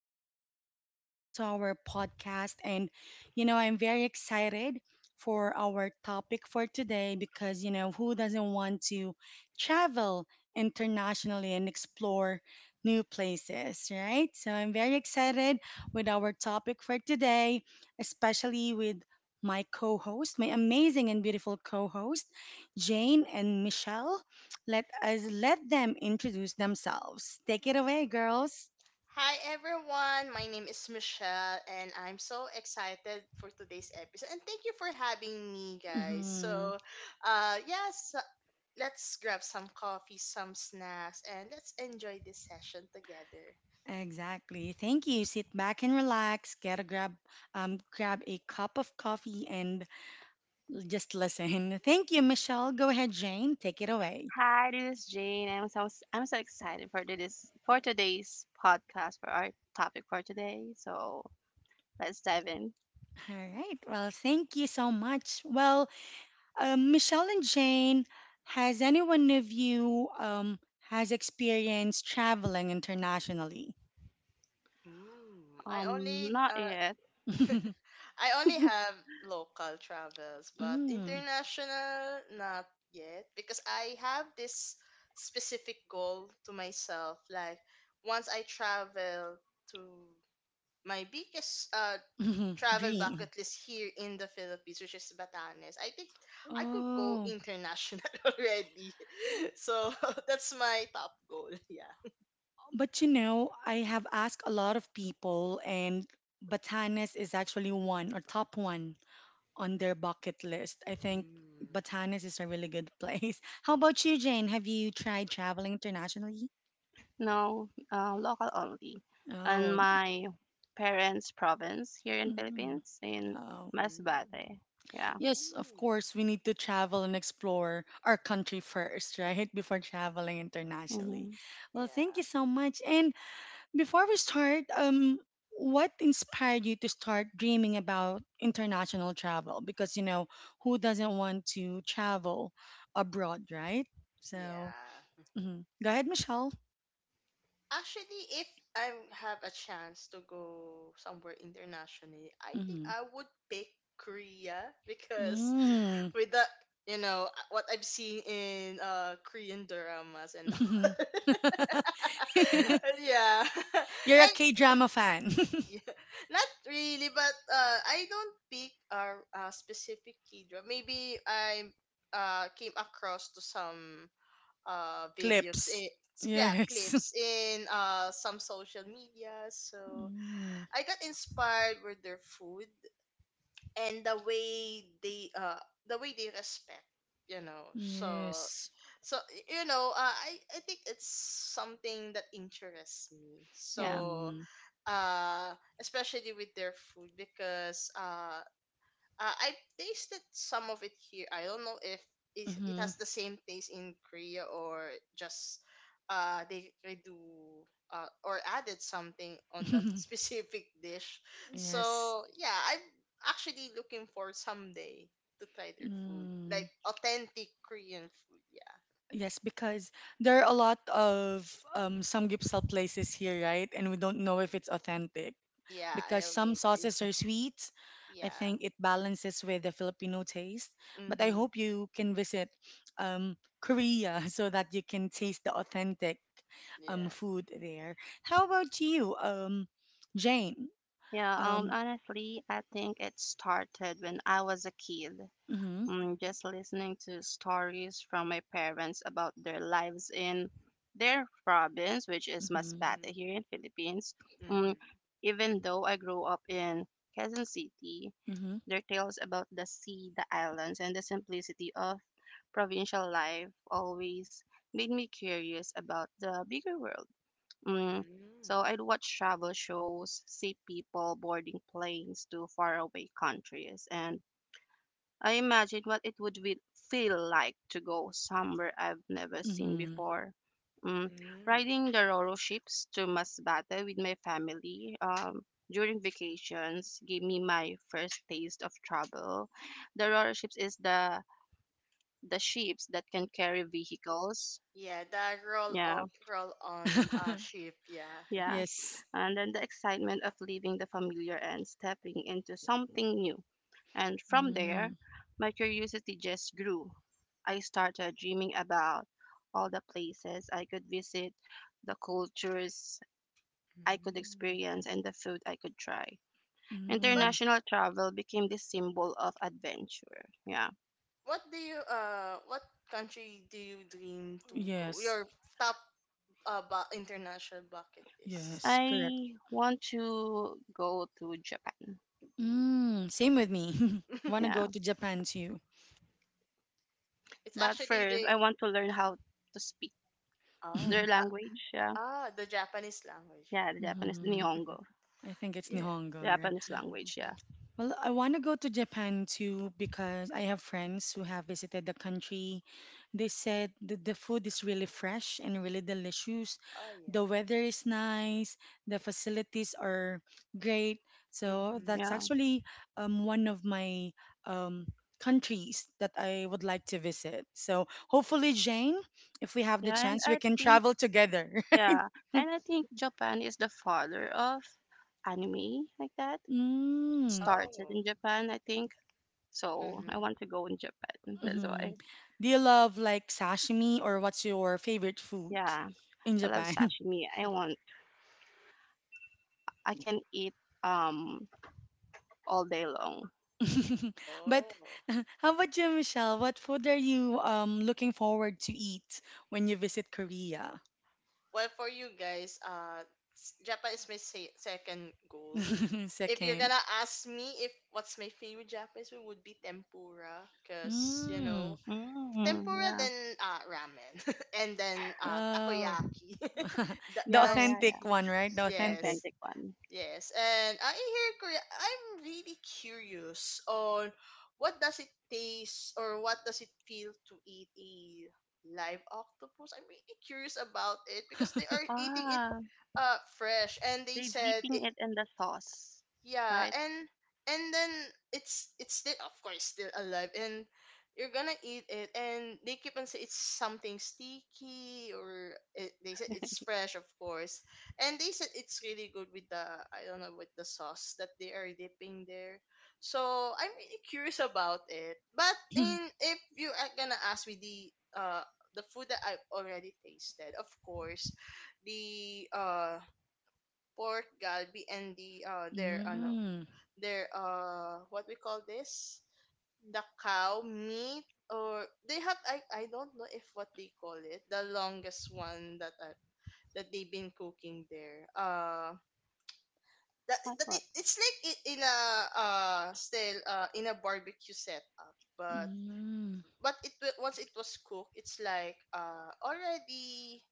listeners. Welcome back to our podcast. And I'm very excited for our topic for today because who doesn't want to travel internationally and explore new places, right? So I'm very excited with our topic for today, especially with my amazing and beautiful co host, Jane and Michelle. Let them introduce themselves. Take it away, girls. Hi everyone, my name is Michelle and I'm so excited for today's episode, and thank you for having me guys. Mm-hmm. So, yes, let's grab some coffee, some snacks, and let's enjoy this session together. Exactly. Thank you. Sit back and relax. Grab a cup of coffee and just listen. Thank you, Michelle. Go ahead, Jane. Take it away. Hi, this is Jane. I'm so excited for this for today's podcast for our topic for today. So let's dive in. All right. Well, thank you so much. Well, Michelle and Jane, has anyone of you has experienced traveling internationally? I only Not uh yet. Mm. I only have local travels, but international not yet, because I have this specific goal to myself, like once I travel to my biggest travel bucket Dream. list here in the Philippines, which is Batanes. I think I could go Oh. international already. So that's my top goal. Yeah. But I have asked a lot of people, and Batanes is actually one or top one on their bucket list. I think Mm. Batanes is a really good place. How about you, Jane? Have you tried traveling internationally? No, local only. On Oh, my parents' province here in mm, Philippines in oh, Mm. Masbate. Yeah. Ooh. yes, of course, we need to travel and explore our country first, right? Before traveling internationally. Mm-hmm. Well, thank Yeah. you so much. And before we start, what inspired you to start dreaming about international travel? Because who doesn't want to travel abroad, right? So, Yeah. mhm, go ahead, Michelle. Actually, if I have a chance to go somewhere internationally, I think Hmm. I would pick Korea, because Mm. with the, you know, what I've seen in Korean dramas, and yeah. You're a And K drama fan. yeah, not really, but I don't pick a specific key drama. Maybe I came across to some videos, Clips. in, yeah, Yes. clips in some social media. So Mm. I got inspired with their food, and the way they respect. You know, so Yes. I think it's something that interests me. Yeah. So Mm. uh especially with their food, because I tasted some of it here. I don't know if it Hmm. has the same taste in Korea, or just they do, or added something on that specific dish. Yes. So yeah, I'm actually looking for someday to try their food, like Mm. authentic Korean food. Yeah. Yes, because there are a lot of some samgyeopsal places here, right? And we don't know if it's authentic Yeah, because I some agree. sauces are sweet. I Yeah. think it balances with the Filipino taste. But I Mm-hmm. hope you can visit um, Korea so that you can taste the authentic Yeah. food there. How about you, Jane? Yeah. Um, Honestly, I think it started when I was a kid. mm-hmm, Just listening to stories from my parents about their lives in their province, which is mm-hmm, Masbate Mm-hmm. here in Philippines. Mm-hmm. Mm, Even though I grew up in Quezon City, mm-hmm, their tales about the sea, the islands, and the simplicity of provincial life always made me curious about the bigger world. Mm, so Mm-hmm. I'd watch travel shows, see people boarding planes to faraway countries, and I imagine what it would feel like to go somewhere I've never seen mm-hmm. before. Mm, Mm. Riding the Roro ships to Masbate with my family during vacations gave me my first taste of travel. The Roro ships is the ships that can carry vehicles. Yeah, that roll Yeah, off, roll on ship. Yeah. yeah. Yes. And then the excitement of leaving the familiar and stepping into something new. And from Mm-hmm, there, my curiosity just grew. I started dreaming about all the places I could visit, the cultures I could Mm. experience, and the food I could try. But mm-hmm. International travel became the symbol of adventure. Yeah. What country do you dream to go? Yes. Your top international bucket list. Yes, correct. I want to go to Japan. Ooh. Mm, same with me. Wanna Yeah. go to Japan too. it's But actually first, the I want to learn how to speak oh their language. Yeah. ah the Japanese language. Yeah. Yeah, the Japanese, the Hmm. Nihongo. I think it's Yeah. Nihongo. Japanese Mm. language. Yeah. Well, I want to go to Japan too because I have friends who have visited the country. They said that the food is really fresh and really delicious. Oh, yeah. The weather is nice. The facilities are great. So Mm-hmm. that's Yeah. actually one of my um, countries that I would like to visit. So hopefully, Jane, if we have the Yeah. And chance, we I can think travel together. Yeah, and I think Japan is the father of anime like that. Mm. Started Oh. in Japan, I think. So I Mm-hmm. want to go in Japan. That's Hmm. why. Do you love like sashimi or what's your favorite food Yeah, in I Wow. love Japan? sashimi. I want. I can eat um all day long. But, Oh. how about you, Michelle? What food are you looking forward to eat when you visit Korea? Well, for you guys, Japan is my second goal. If you're Second. gonna ask me if what's my favorite Japanese food, would be tempura, cause Mm. Mm, tempura, yeah, then ramen, and then Oh. takoyaki. The yeah, Those, yeah, yeah. authentic one, right? The The authentic. yes. authentic one. Yes, and I hear Korea. I'm really curious on what does it taste, or what does it feel to eat a live octopus. I'm really curious about it, because they are eating it Ah, fresh, and they they said it, dipping it in the sauce, yeah, right? and then it's still, of course, still alive, and you're gonna eat it, and they keep on saying it's something sticky, or they said it's fresh, of course, and they said it's really good with the, I don't know, with the sauce that they are dipping there. So I'm really curious about it, but Hmm. in if you are gonna ask me the, the food that I've already tasted, of course, the, pork galbi, and the, their ano Mm. their what we call this, the cow meat, or they have, I don't know if what they call it, the longest one that they've been cooking there, What that, what? it, it's like it, in a, still, in a barbecue setup, but Mm. Once it was cooked, it's like, already,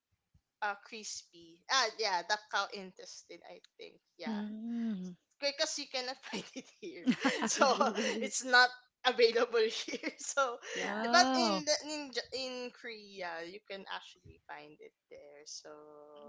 crispy. Ah, yeah, the cow intestine, I think. Yeah. Mm. Because you cannot find it here. So it's not available here. So, yeah, but in Oh. the, in Korea you can actually find it there. So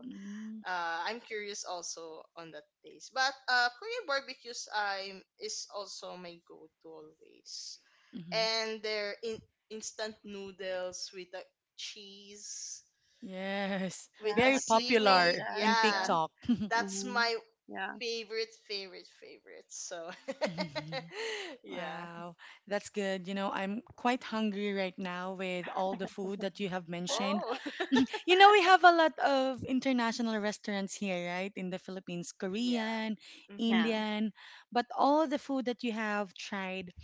Mm. I'm curious also on that taste. But Korean barbecues I'm is also my go-to always. Mhm. And their instant noodles with a cheese Yes, with yeah. a very What do you call seaweed. popular that? in Yeah, Yeah. TikTok. that's Mm-hmm. my Yeah. favorite, favorite, favorite. So, yeah. Wow, that's good. I'm quite hungry right now with all the food that you have mentioned. Uh, Oh, We have a lot of international restaurants here, right? In the Philippines, yeah. Korean, Mm-hmm. yeah. Indian, but all the food that you have tried,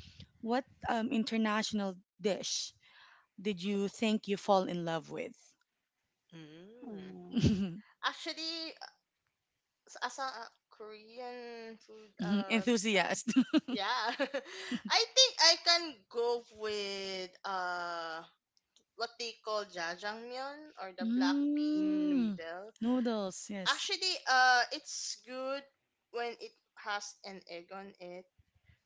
what international dish did you think you fall in love with? Mm. Mm. Actually, as a Korean food, Mhm, uh, enthusiast. yeah, I think I can go with what they call jajangmyeon, or the black bean Mm. noodle. Noodles, yes. Actually, it's good when it has an egg on it,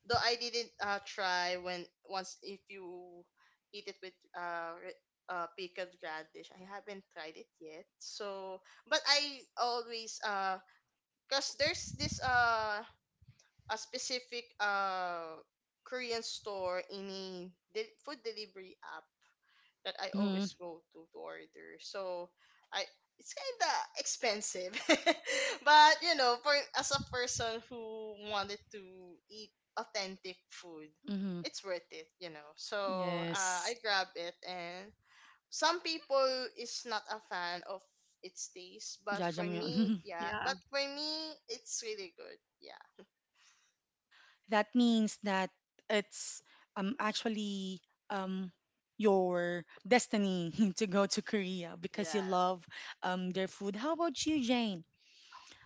though I didn't try when, once, if you eat it with, pickled radish. I haven't tried it yet. So, but I always, cause there's this a specific Korean store in a food delivery app that I Mm-hmm. always go to order. So I it's kind of expensive, but you know, for, as a person who wanted to eat authentic food, Mm-hmm. it's worth it. You know, so I Yes. grab it, and some people is not a fan of its taste, but for Jajangmyeon. me, yeah, Yeah. but for me, it's really good. Yeah, That means that it's actually um your destiny to go to Korea because you yeah. love their food. How about you, Jane?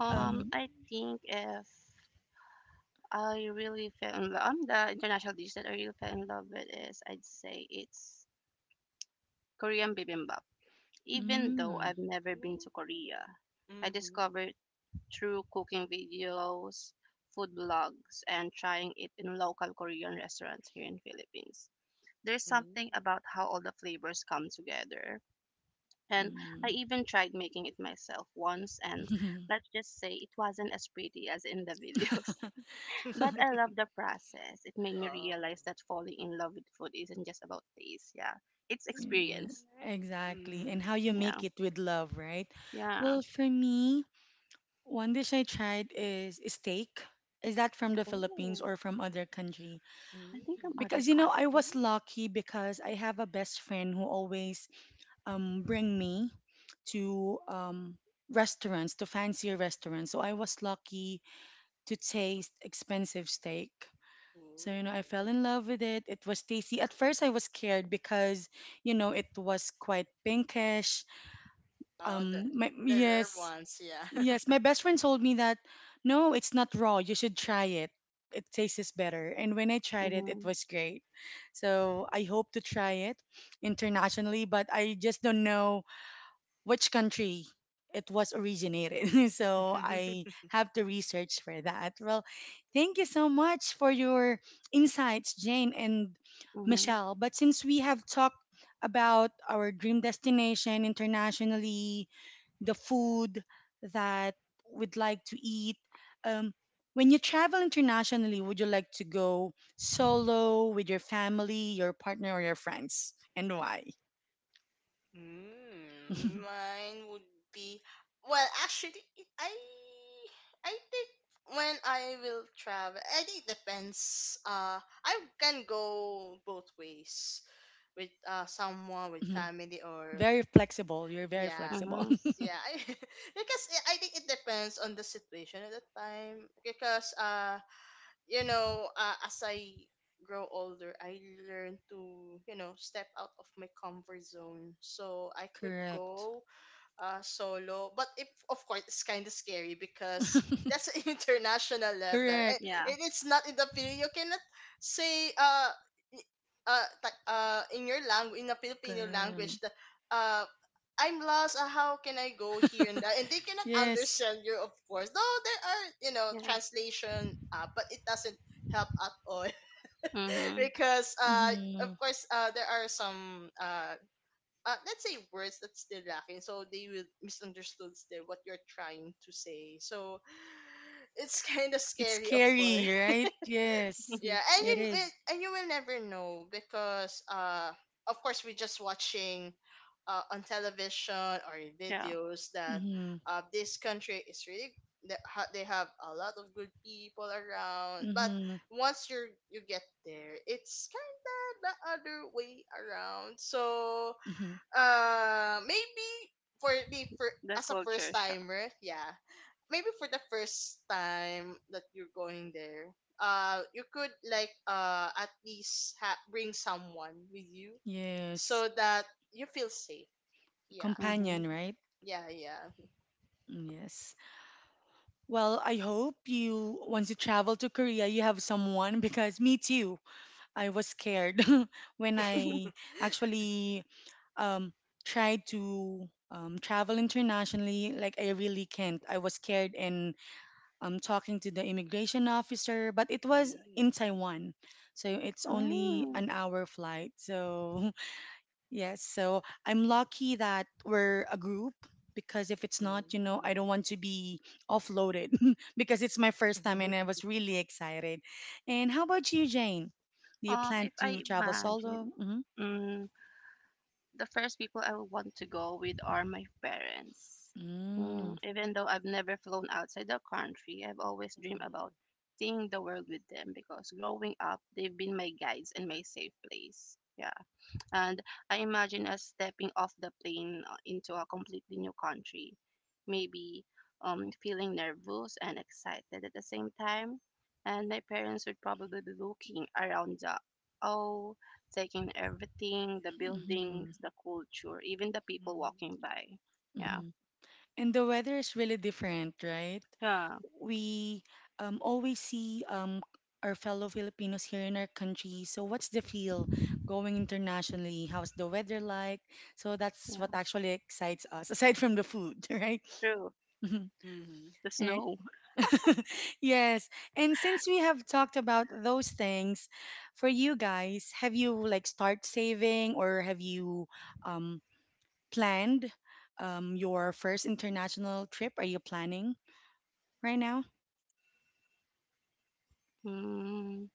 Um I think if I really fell in love. The international dish that I really fell in love with is, I'd say it's Korean bibimbap. Even though mm, I've never Ooh. been to Korea, I Mhm. discovered through cooking videos, food blogs, and trying it in local Korean restaurants here in Philippines. There's something about how all the flavors come together. And I mm. even tried making it myself once, and let's just say it wasn't as pretty as in the videos. But I Mm. love the process. It made me Oh. realize that falling in love with food isn't just about taste. Yeah, it's Yeah, experience. exactly. And how you Yeah, make it with love, right? yeah. Well, for me, one dish I tried is steak. Is that from the Philippines Oh, or from other country? I think from Mm. other Because I country. was lucky because I have a best friend who always bring me to um to fancier restaurants. So I was lucky to taste expensive steak. So I Ooh. fell in love with it. It was tasty. At first I was scared because it was quite pinkish. Oh, the the rare Yes, ones, yeah. yes, my best friend told me that no, it's not raw. You should try it. It tastes better. And when I tried it, it Mhm, was great. So I hope to try it internationally, but I just don't know which country it was originated. So I have to research for that. Well, thank you so much for your insights, Jane and mhm, Michelle. But since we have talked about our dream destination internationally, the food that we'd like to eat. Um, when you travel internationally, would you like to go solo with your family, your partner, or your friends, and why? Mine would be, well, actually, I think when I will travel, I think it depends. I can go both ways, with someone, with Mhm. family, or Very flexible. You're very yeah. flexible. mhm. Yeah, because I think it depends on the situation at the time. Because as I grow older, I learn to, step out of my comfort zone, so I could Correct. go solo, but if of course it's kind of scary, because that's an international level, and, Correct. Yeah, and it's not in the Filipino, you cannot say, i- in your language, in the Correct. Filipino language, that uh I'm lost. How can I go here and that? And they cannot Yes. understand you, of course. Though there are, you know, yeah. translation app, but it doesn't help at all, Mhm, because, of Hmm. course, there are some, let's say, words that's still lacking, so they will misunderstood still what you're trying to say. So it's, kind of It's scary, of course. scary, right? Yes, Yeah, and you it will, is. and you will never know, because of course we're just watching, on television or in yeah. videos, that Mm-hmm. This country is really, they have a lot of good people around. But Mm-hmm. once you get there, it's kind of the other way around. So Mm-hmm. Maybe, for me, for, The as a first culture shock. timer, yeah. Maybe for the first time that you're going there, you could, like, at least, bring someone with you, Yes. so that you feel safe. Yeah, Mhm. Companion, right? yeah, yeah. Mm, yes. Well, I hope you, once you travel to Korea, you have someone because me too. I was scared when I actually um, tried to travel internationally. Like, I really can't. I was scared and talking to the immigration officer, but it was in Mm. Taiwan. So it's only Mm. an hour flight. So yes, so I'm lucky that we're a group because if it's not I don't Mm. want to be offloaded because it's my first time and I was really excited. And how about you, Jane? Do you plan If to I travel solo? imagine, Mm-hmm. mm, the first people I would want to go with are my parents. Mm-hmm. Even though I've never flown outside the country, I've always dreamed Mhm. about seeing the world with them because growing up, they've been my guides and my safe place. Yeah. And I imagine us stepping off the plane into a completely new country, maybe feeling nervous and excited at the same time. And my parents would probably be looking around oh, taking everything, the buildings, the culture, even the people Mhm. walking by. Yeah, Mm-hmm. And the weather is really different, right? yeah, We always see our fellow Filipinos here in our country. So, what's the feel going internationally? How's the weather like? So, that's yeah. what actually excites us, aside from the food, right? True. Mhm. Mhm. The Right. snow. Yes. And since we have talked about those things, for you guys, have you like start saving or have you um, planned your first international trip? Are you planning right now? Mm,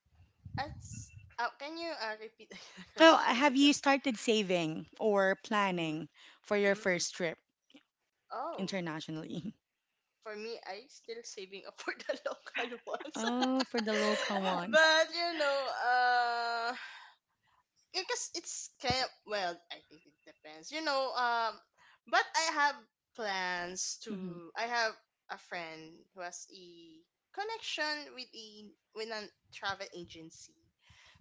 That's Can you repeat the Oh, question, have you because started saving or mm. planning for your Mm. first trip Oh, internationally? for me, I still saving up for the local ones. Oh, for the local ones. But uh, because it's kind of, well, I think it depends, but I have plans, Mm-hmm. to I have a friend who has a connection with a, with a travel agency,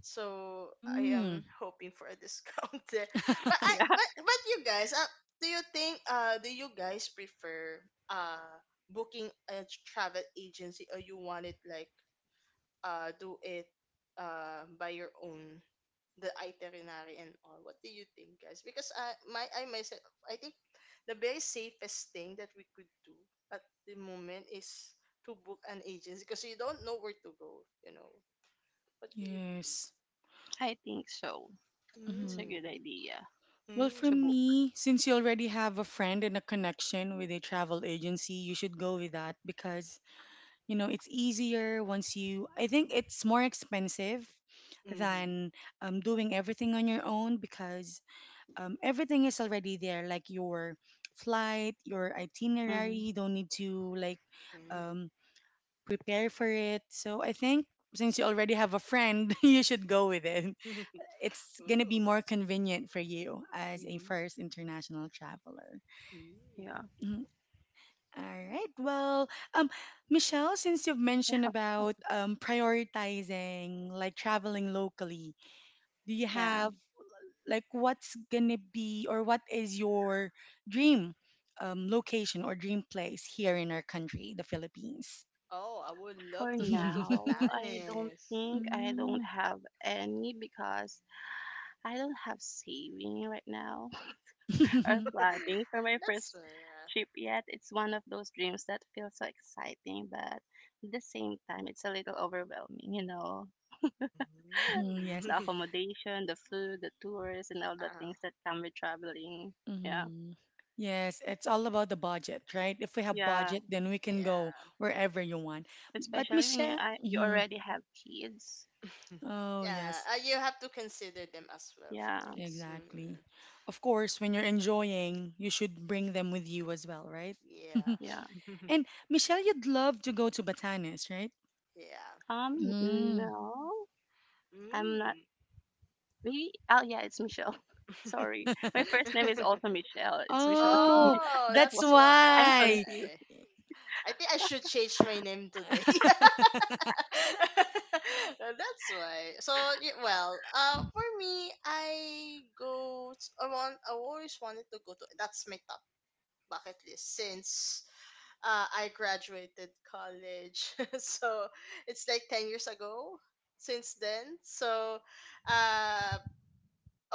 so I Mm. am hoping for a discount there, but I yeah, but you guys, do you guys prefer uh booking a travel agency, or you want it, like, do it by your own, the itinerary and all. What do you think, guys? Because I myself, I think, the very safest thing that we could do at the moment is to book an agency, because you don't know where to go, you know. What do you think? Yes. I think so. It's Hmm. a good Mm. idea. Well, for Mm. Chubuk. me, since you already have a friend and a connection with a travel agency, you should go with that because it's easier. I think it's more expensive Mm. than doing everything on your own because everything is already there, like your flight, your itinerary. Hmm You don't need to like Mm. um, prepare for it. So I think since you already have a friend, you should go with it. It's going to be Ooh. more convenient for you as a Mm. first international traveler. Mm. Yeah. Mhm. All right, well, um, Michelle, since you've mentioned about prioritizing like traveling locally, do you Yeah. have like what is your dream location or dream place here in our country, the Philippines? Oh, I would love For to go to now, Batanes. I don't Mm. have any because I don't have saving right now or planning for my That's, first yeah. trip yet. It's one of those dreams that feels so exciting, but at the same time, it's a little overwhelming, you know, Mhm, yes. the Mm. accommodation, the food, the tours, and all the Ah, things that come with traveling. Yeah. Mhm. Yes, it's all about the budget, right? If we have Yeah. budget, then we can go yeah. wherever you want. But Especially when Michelle, you mhm. already have kids. Oh Yeah, yes, you have to consider them as well, of Yeah. course. exactly. Mm, Of course, when you're enjoying, you should bring them with you as well, right? yeah, Yeah. And Michelle, you'd love to go to Batanes, right? yeah. Um, Mm. no. I'm not Mm. Maybe oh yeah, it's Michelle. Sorry. My first name is also Michelle. It's Michelle G. Oh, Yeah, Oh, that's that's why that's I'm why. why. confused. I think I should change my name today. That's why. So, well, for me, I go. To, I want. I always wanted to go to. That's my top bucket list since, I graduated college, so it's like 10 years ago since then. So, uh,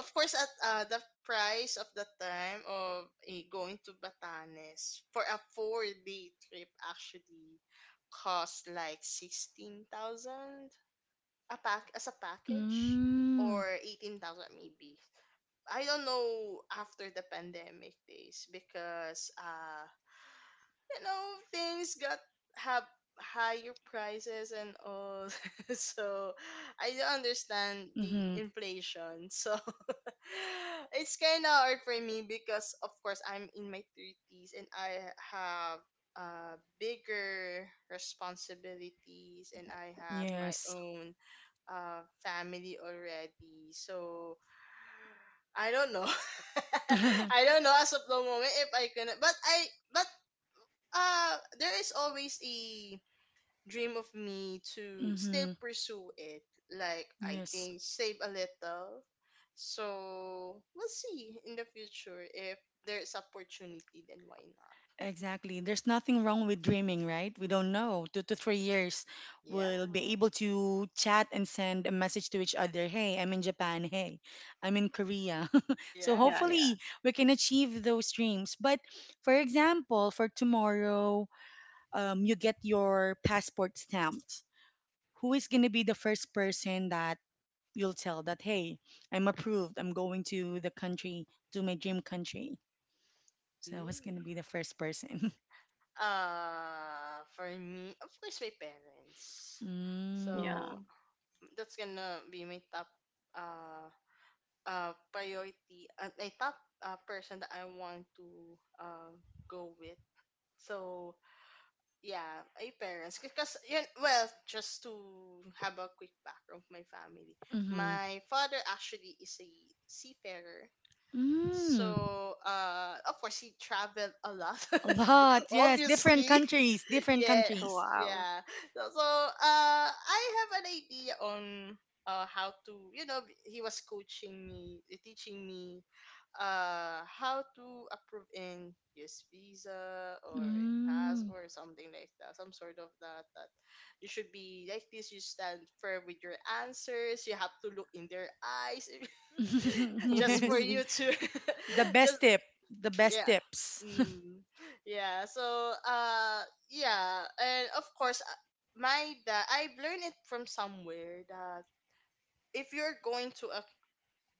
of course, at the price of the time of going to Batanes for a 4-day trip actually cost like 16,000 a pack as a package, Mm. or 18,000 maybe. I don't know after the pandemic days, because you know things got have higher prices and all, so I don't understand the Mm-hmm. inflation. So it's kind of hard for me, because of course I'm in my 30s and I have bigger responsibilities, and I have my Yes. own family already. So I don't know, I don't know as of the moment if I can, but I but there is always a dream of me to still Mm-hmm. pursue it, like, I Yes. think, save a little, so we'll see in the future. If there's opportunity, then why not. Exactly. There's nothing wrong with dreaming, right? We don't know. 2 to 3 years, Yeah, we'll be able to chat and send a message to each other. Hey, I'm in Japan. Hey, I'm in Korea. So Yeah, yeah. yeah. hopefully we can achieve those dreams. But for example, for tomorrow, you get your passport stamped, who is going to be the first person that you'll tell that, hey, I'm approved, I'm going to the country, to my dream country? So, who's going to Mm. be the first person? For me, of course, my parents. Mm, So Yeah. that's gonna be my top uh priority, my top person that I want to uh go with. So, yeah, my parents. Because, yun, well, just to have a quick background of my family, mm-hmm. my father actually is a seafarer. Mm, So, of course, he traveled a lot, a lot, yes. Different obviously, countries, different yeah, Oh, countries. wow. yeah. So, I have an idea on how to, he was coaching me, teaching me how to approve in use visa or in Mm. password or something like that, some sort of that. That you should be like this. You stand firm with your answers. You have to look in their eyes, just for Yes. you to, The best just tip, the best yeah. tips. Mm. yeah so uh yeah, and of course, my dad, I've learned it from somewhere that if you're going to a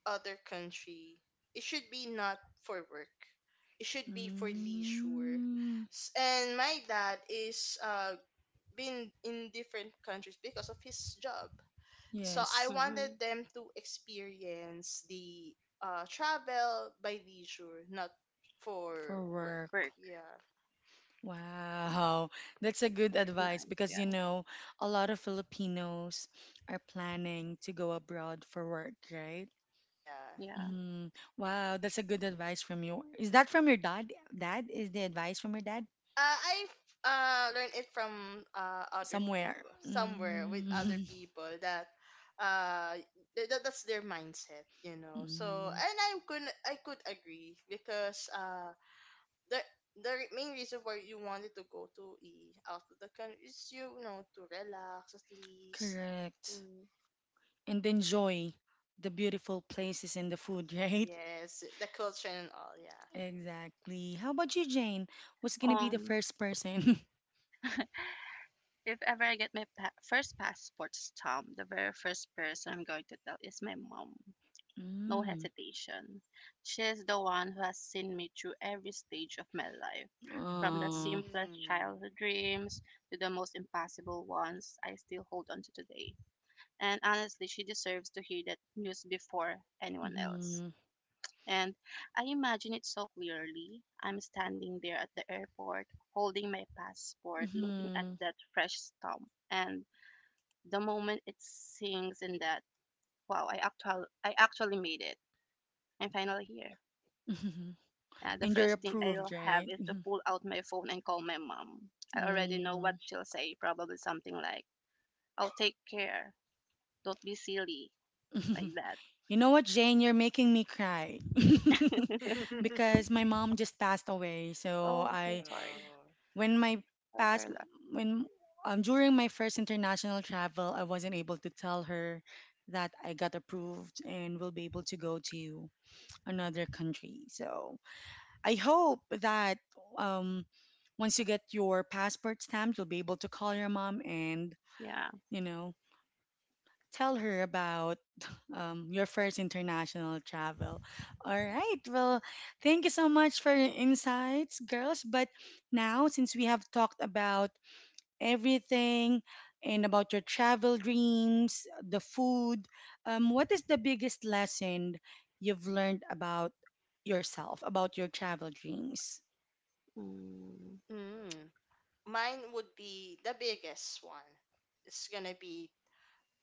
other country, it should be not for work, it should be for leisure. Mm, And my dad is been in different countries because of his job, so I yes, wanted Mhm. them to experience the travel by leisure, not for for work. work. Work. Yeah, Wow, that's a good advice Nice. because Yeah. you know, a lot of Filipinos are planning to go abroad for work, right? yeah. Yeah. Mm, wow, that's a good advice from you. Is that from your dad? Dad is the advice from your dad I've learned it from other somewhere. people, somewhere with other Mm, people that uh that's their mindset, you know. So mm, and I could agree because the main reason why you wanted to go to e out of the country is, you know, to relax at least. correct. Mm. And enjoy the beautiful places and the food, right? Yes, the culture and all, yeah. Exactly. How about you, Jane? Who's gonna be the Um first person? if ever I get my first passport stamp, the very first person I'm going to tell is my mom. No Mm, hesitation. She's the one who has seen me through every stage of my life. From the oh, simplest Mm. childhood dreams to the most impossible ones I still hold on to today. And honestly, she deserves to hear that news before anyone else. And I imagine it so clearly. I'm standing there at the airport, holding my passport, looking at mhm. that fresh stamp. And the moment it sinks in that, wow, I actually made it. I'm finally here. Mhm. The And you're first thing Mm. approved, I'll have right? is to Mhm. pull out my phone and call my mom. I already know what Mm. she'll say, probably something like, I'll take care. Don't be silly, like that. You know what, Jane? You're making me cry because my mom just passed away. So Oh, so I, sorry. Oh. when my Sorry for past, your loss. when during my first international travel, I wasn't able to tell her that I got approved and will be able to go to another country. So I hope that um once you get your passport stamped, you'll be able to call your mom and Yeah. you know tell her about your first international travel. All right, well, thank you so much for your insights, girls. But now since we have talked about everything, and about your travel dreams, the food, what is the biggest lesson you've learned about yourself, about your travel dreams? Mm, Mm. Mine would be the biggest one. It's gonna be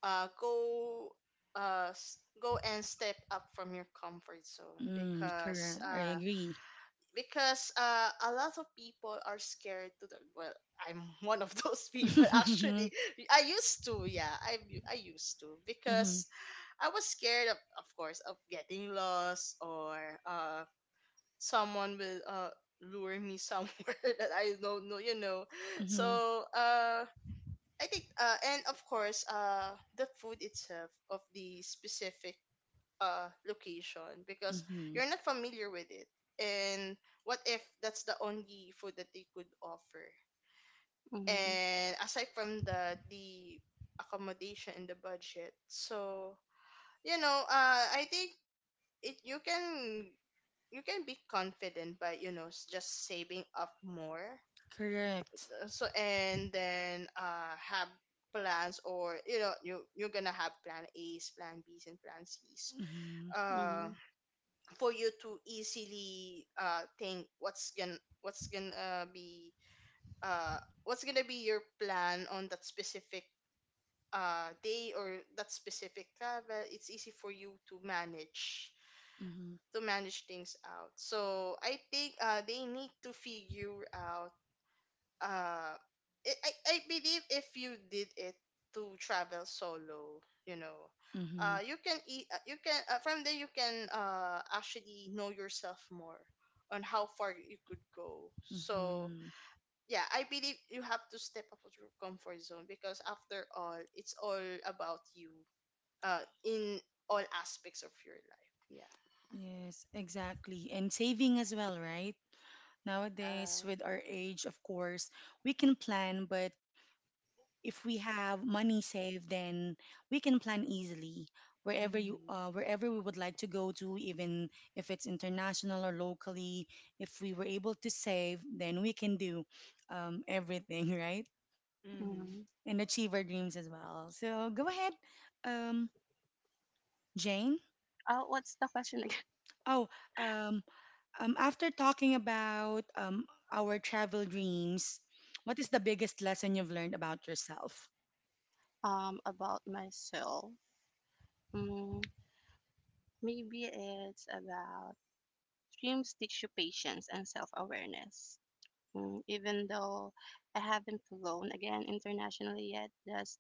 go, go and step up from your comfort zone, Mm, because correct, I uh agree. because uh a lot of people are scared to the, well, I'm one of those people, Mm-hmm, actually. I used to, yeah. I used to mm-hmm, because I was scared of course, of getting lost, or uh someone will lure me somewhere that I don't know, you know. So I think, and of course, the food itself of the specific location, because mm-hmm. you're not familiar with it. And what if that's the only food that they could offer? mm-hmm, And aside from that, the accommodation and the budget. So, you know, I think it, you can, you can be confident by, you know, just saving up more. Correct. So and then have plans, or, you know, you, you're gonna have plan A's, plan B's, and plan C's, Mhm. uh mm-hmm, for you to easily think what's gonna, uh what's gonna be your plan on that specific day, or that specific travel, it's easy for you to manage, Mm-hmm. to manage things out. So I think, they need to figure out. Uh, I, I, I believe if you did it to travel solo, you know, Mm-hmm. You can, you can, from there you can, actually know yourself more on how far you could go. So Mm-hmm. yeah, I believe you have to step out of your comfort zone, because after all, it's all about you. In all aspects of your life. Yeah. Yes, exactly. And saving as well, right? Nowadays, with our age, of course, we can plan, but if we have money saved, then we can plan easily Yeah. Mm-hmm. wherever we would like to go to, even if it's international or locally. If we were able to save, then we can do everything, right? Mhm. mm-hmm. And achieve our dreams as well. So go ahead, um, Jane. Oh, what's the question again? Oh, um, after talking about our travel dreams, what is the biggest lesson you've learned about yourself? About myself. Mm, Maybe it's about dreams teach you patience and self-awareness. Even though I haven't flown again internationally yet. Does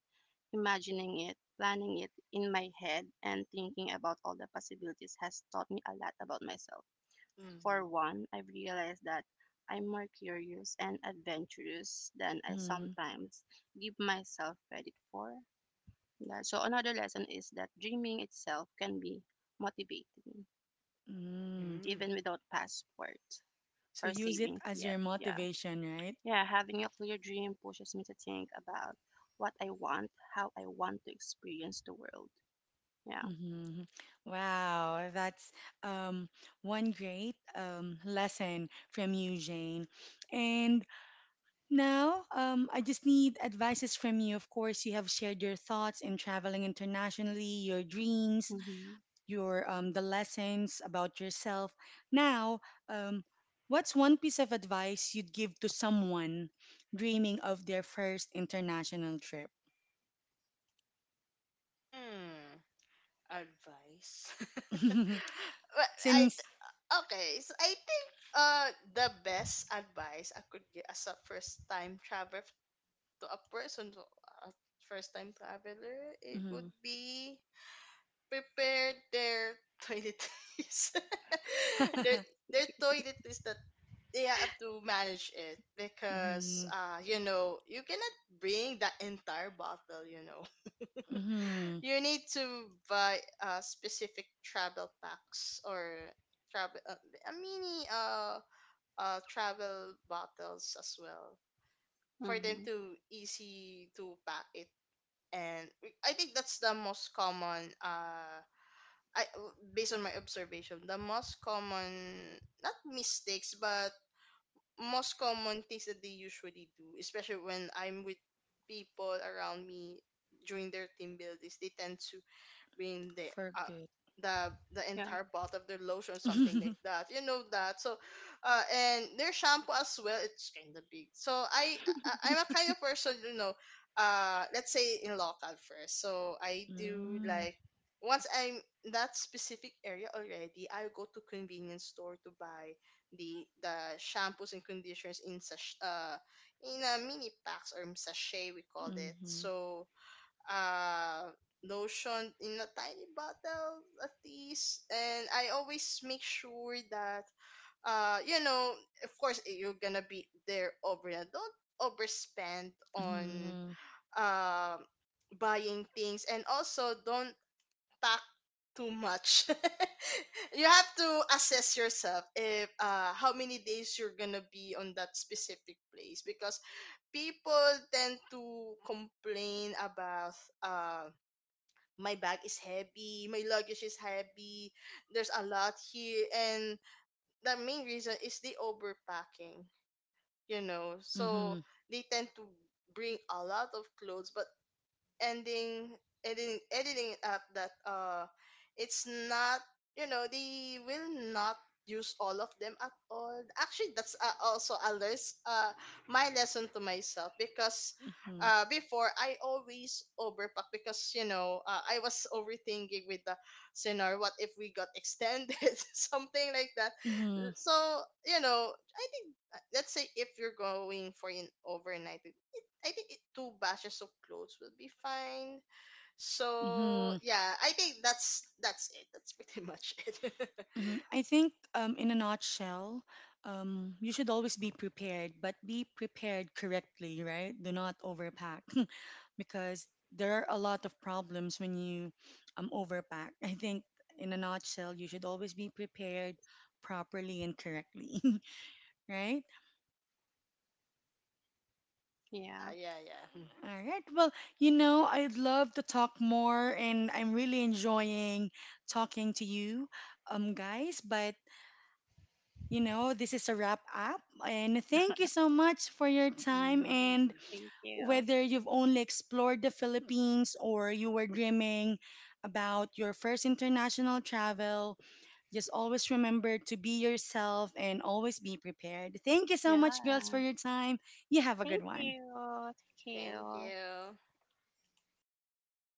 Imagining it, planning it in my head, and thinking about all the possibilities has taught me a lot about myself. For Mhm. one, I've realized that I'm more curious and adventurous than I Mm-hmm. sometimes give myself credit for. Yeah, so, another lesson is that dreaming itself can be motivating, Mm. Mm. even without passport So or use it savings as yet. your Yeah. motivation, right? Yeah, having a clear dream pushes me to think about what I want, how I want to experience the world. Yeah. Mm-hmm. Wow, that's um, one great lesson from you, Jane. And now I just need advices from you. Of course, you have shared your thoughts in traveling internationally, your dreams, Mhm, your the lessons about yourself. Now, um, what's one piece of advice you'd give to someone dreaming of their first international trip? Hmm. Advice. Well, I Since. okay. So I think the best advice I could give, as a first time traveler, to a person, to a first time traveler, it would Mhm. be prepare their toiletries. their their toiletries, that they have to manage it, because Mhm. You know, you cannot bring the entire bottle, you know. Mhm. You need to buy a specific travel packs, or travel, a mini, travel bottles as well, for them mhm. to easy to pack it. And I think that's the most common, I based on my observation, the most common, not mistakes, but most common things that they usually do, especially when I'm with people around me during their team buildings. They tend to being the, For uh, good. the Yeah, entire bottle of their lotion, or something like that. You know that. So, and their shampoo as well, it's kind of big. So I'm a kind of person, you know. Let's say in local first. So I do Mhm. like, once I'm in that specific area already, I go to convenience store to buy the, shampoos and conditioners, in such, in a mini packs, or sachet we call it. Mhm. So uh lotion in a tiny bottle at least. And I always make sure that, you know, of course, you're gonna be there over and don't overspend on Mhm. uh buying things. And also, don't pack too much. You have to assess yourself, if how many days you're gonna be on that specific place. Because people tend to complain about, uh my bag is heavy, my luggage is heavy, there's a lot here. And the main reason is the overpacking, you know. So Mhm. they tend to bring a lot of clothes, but ending, editing it up, that it's not, you know, they will not use all of them at all, actually. That's also a, my lesson to myself. Because Mhm. Before, I always overpack, because, you know, I was overthinking with the scenario, what if we got extended, something like that. Mhm. So, you know, I think, let's say if you're going for an overnight, I think it, two batches of clothes will be fine. So Mhm. yeah, I think that's it. That's pretty much it. Mhm. I think, in a nutshell, you should always be prepared, but be prepared correctly, right? Do not overpack because there are a lot of problems when you overpack. I think, in a nutshell, you should always be prepared properly and correctly, right? Yeah, yeah. yeah, yeah. All right. Well, I'd love to talk more, and I'm really enjoying talking to you, guys, but this is a wrap up. And thank you so much for your Hmm. time. And Mm, Thank you. whether you've only explored the Philippines or you were dreaming about your first international travel, just always remember to be yourself and always be prepared. Thank you so much, girls, for Yeah. your time. You have a good Thank one. you. Thank thank you. you.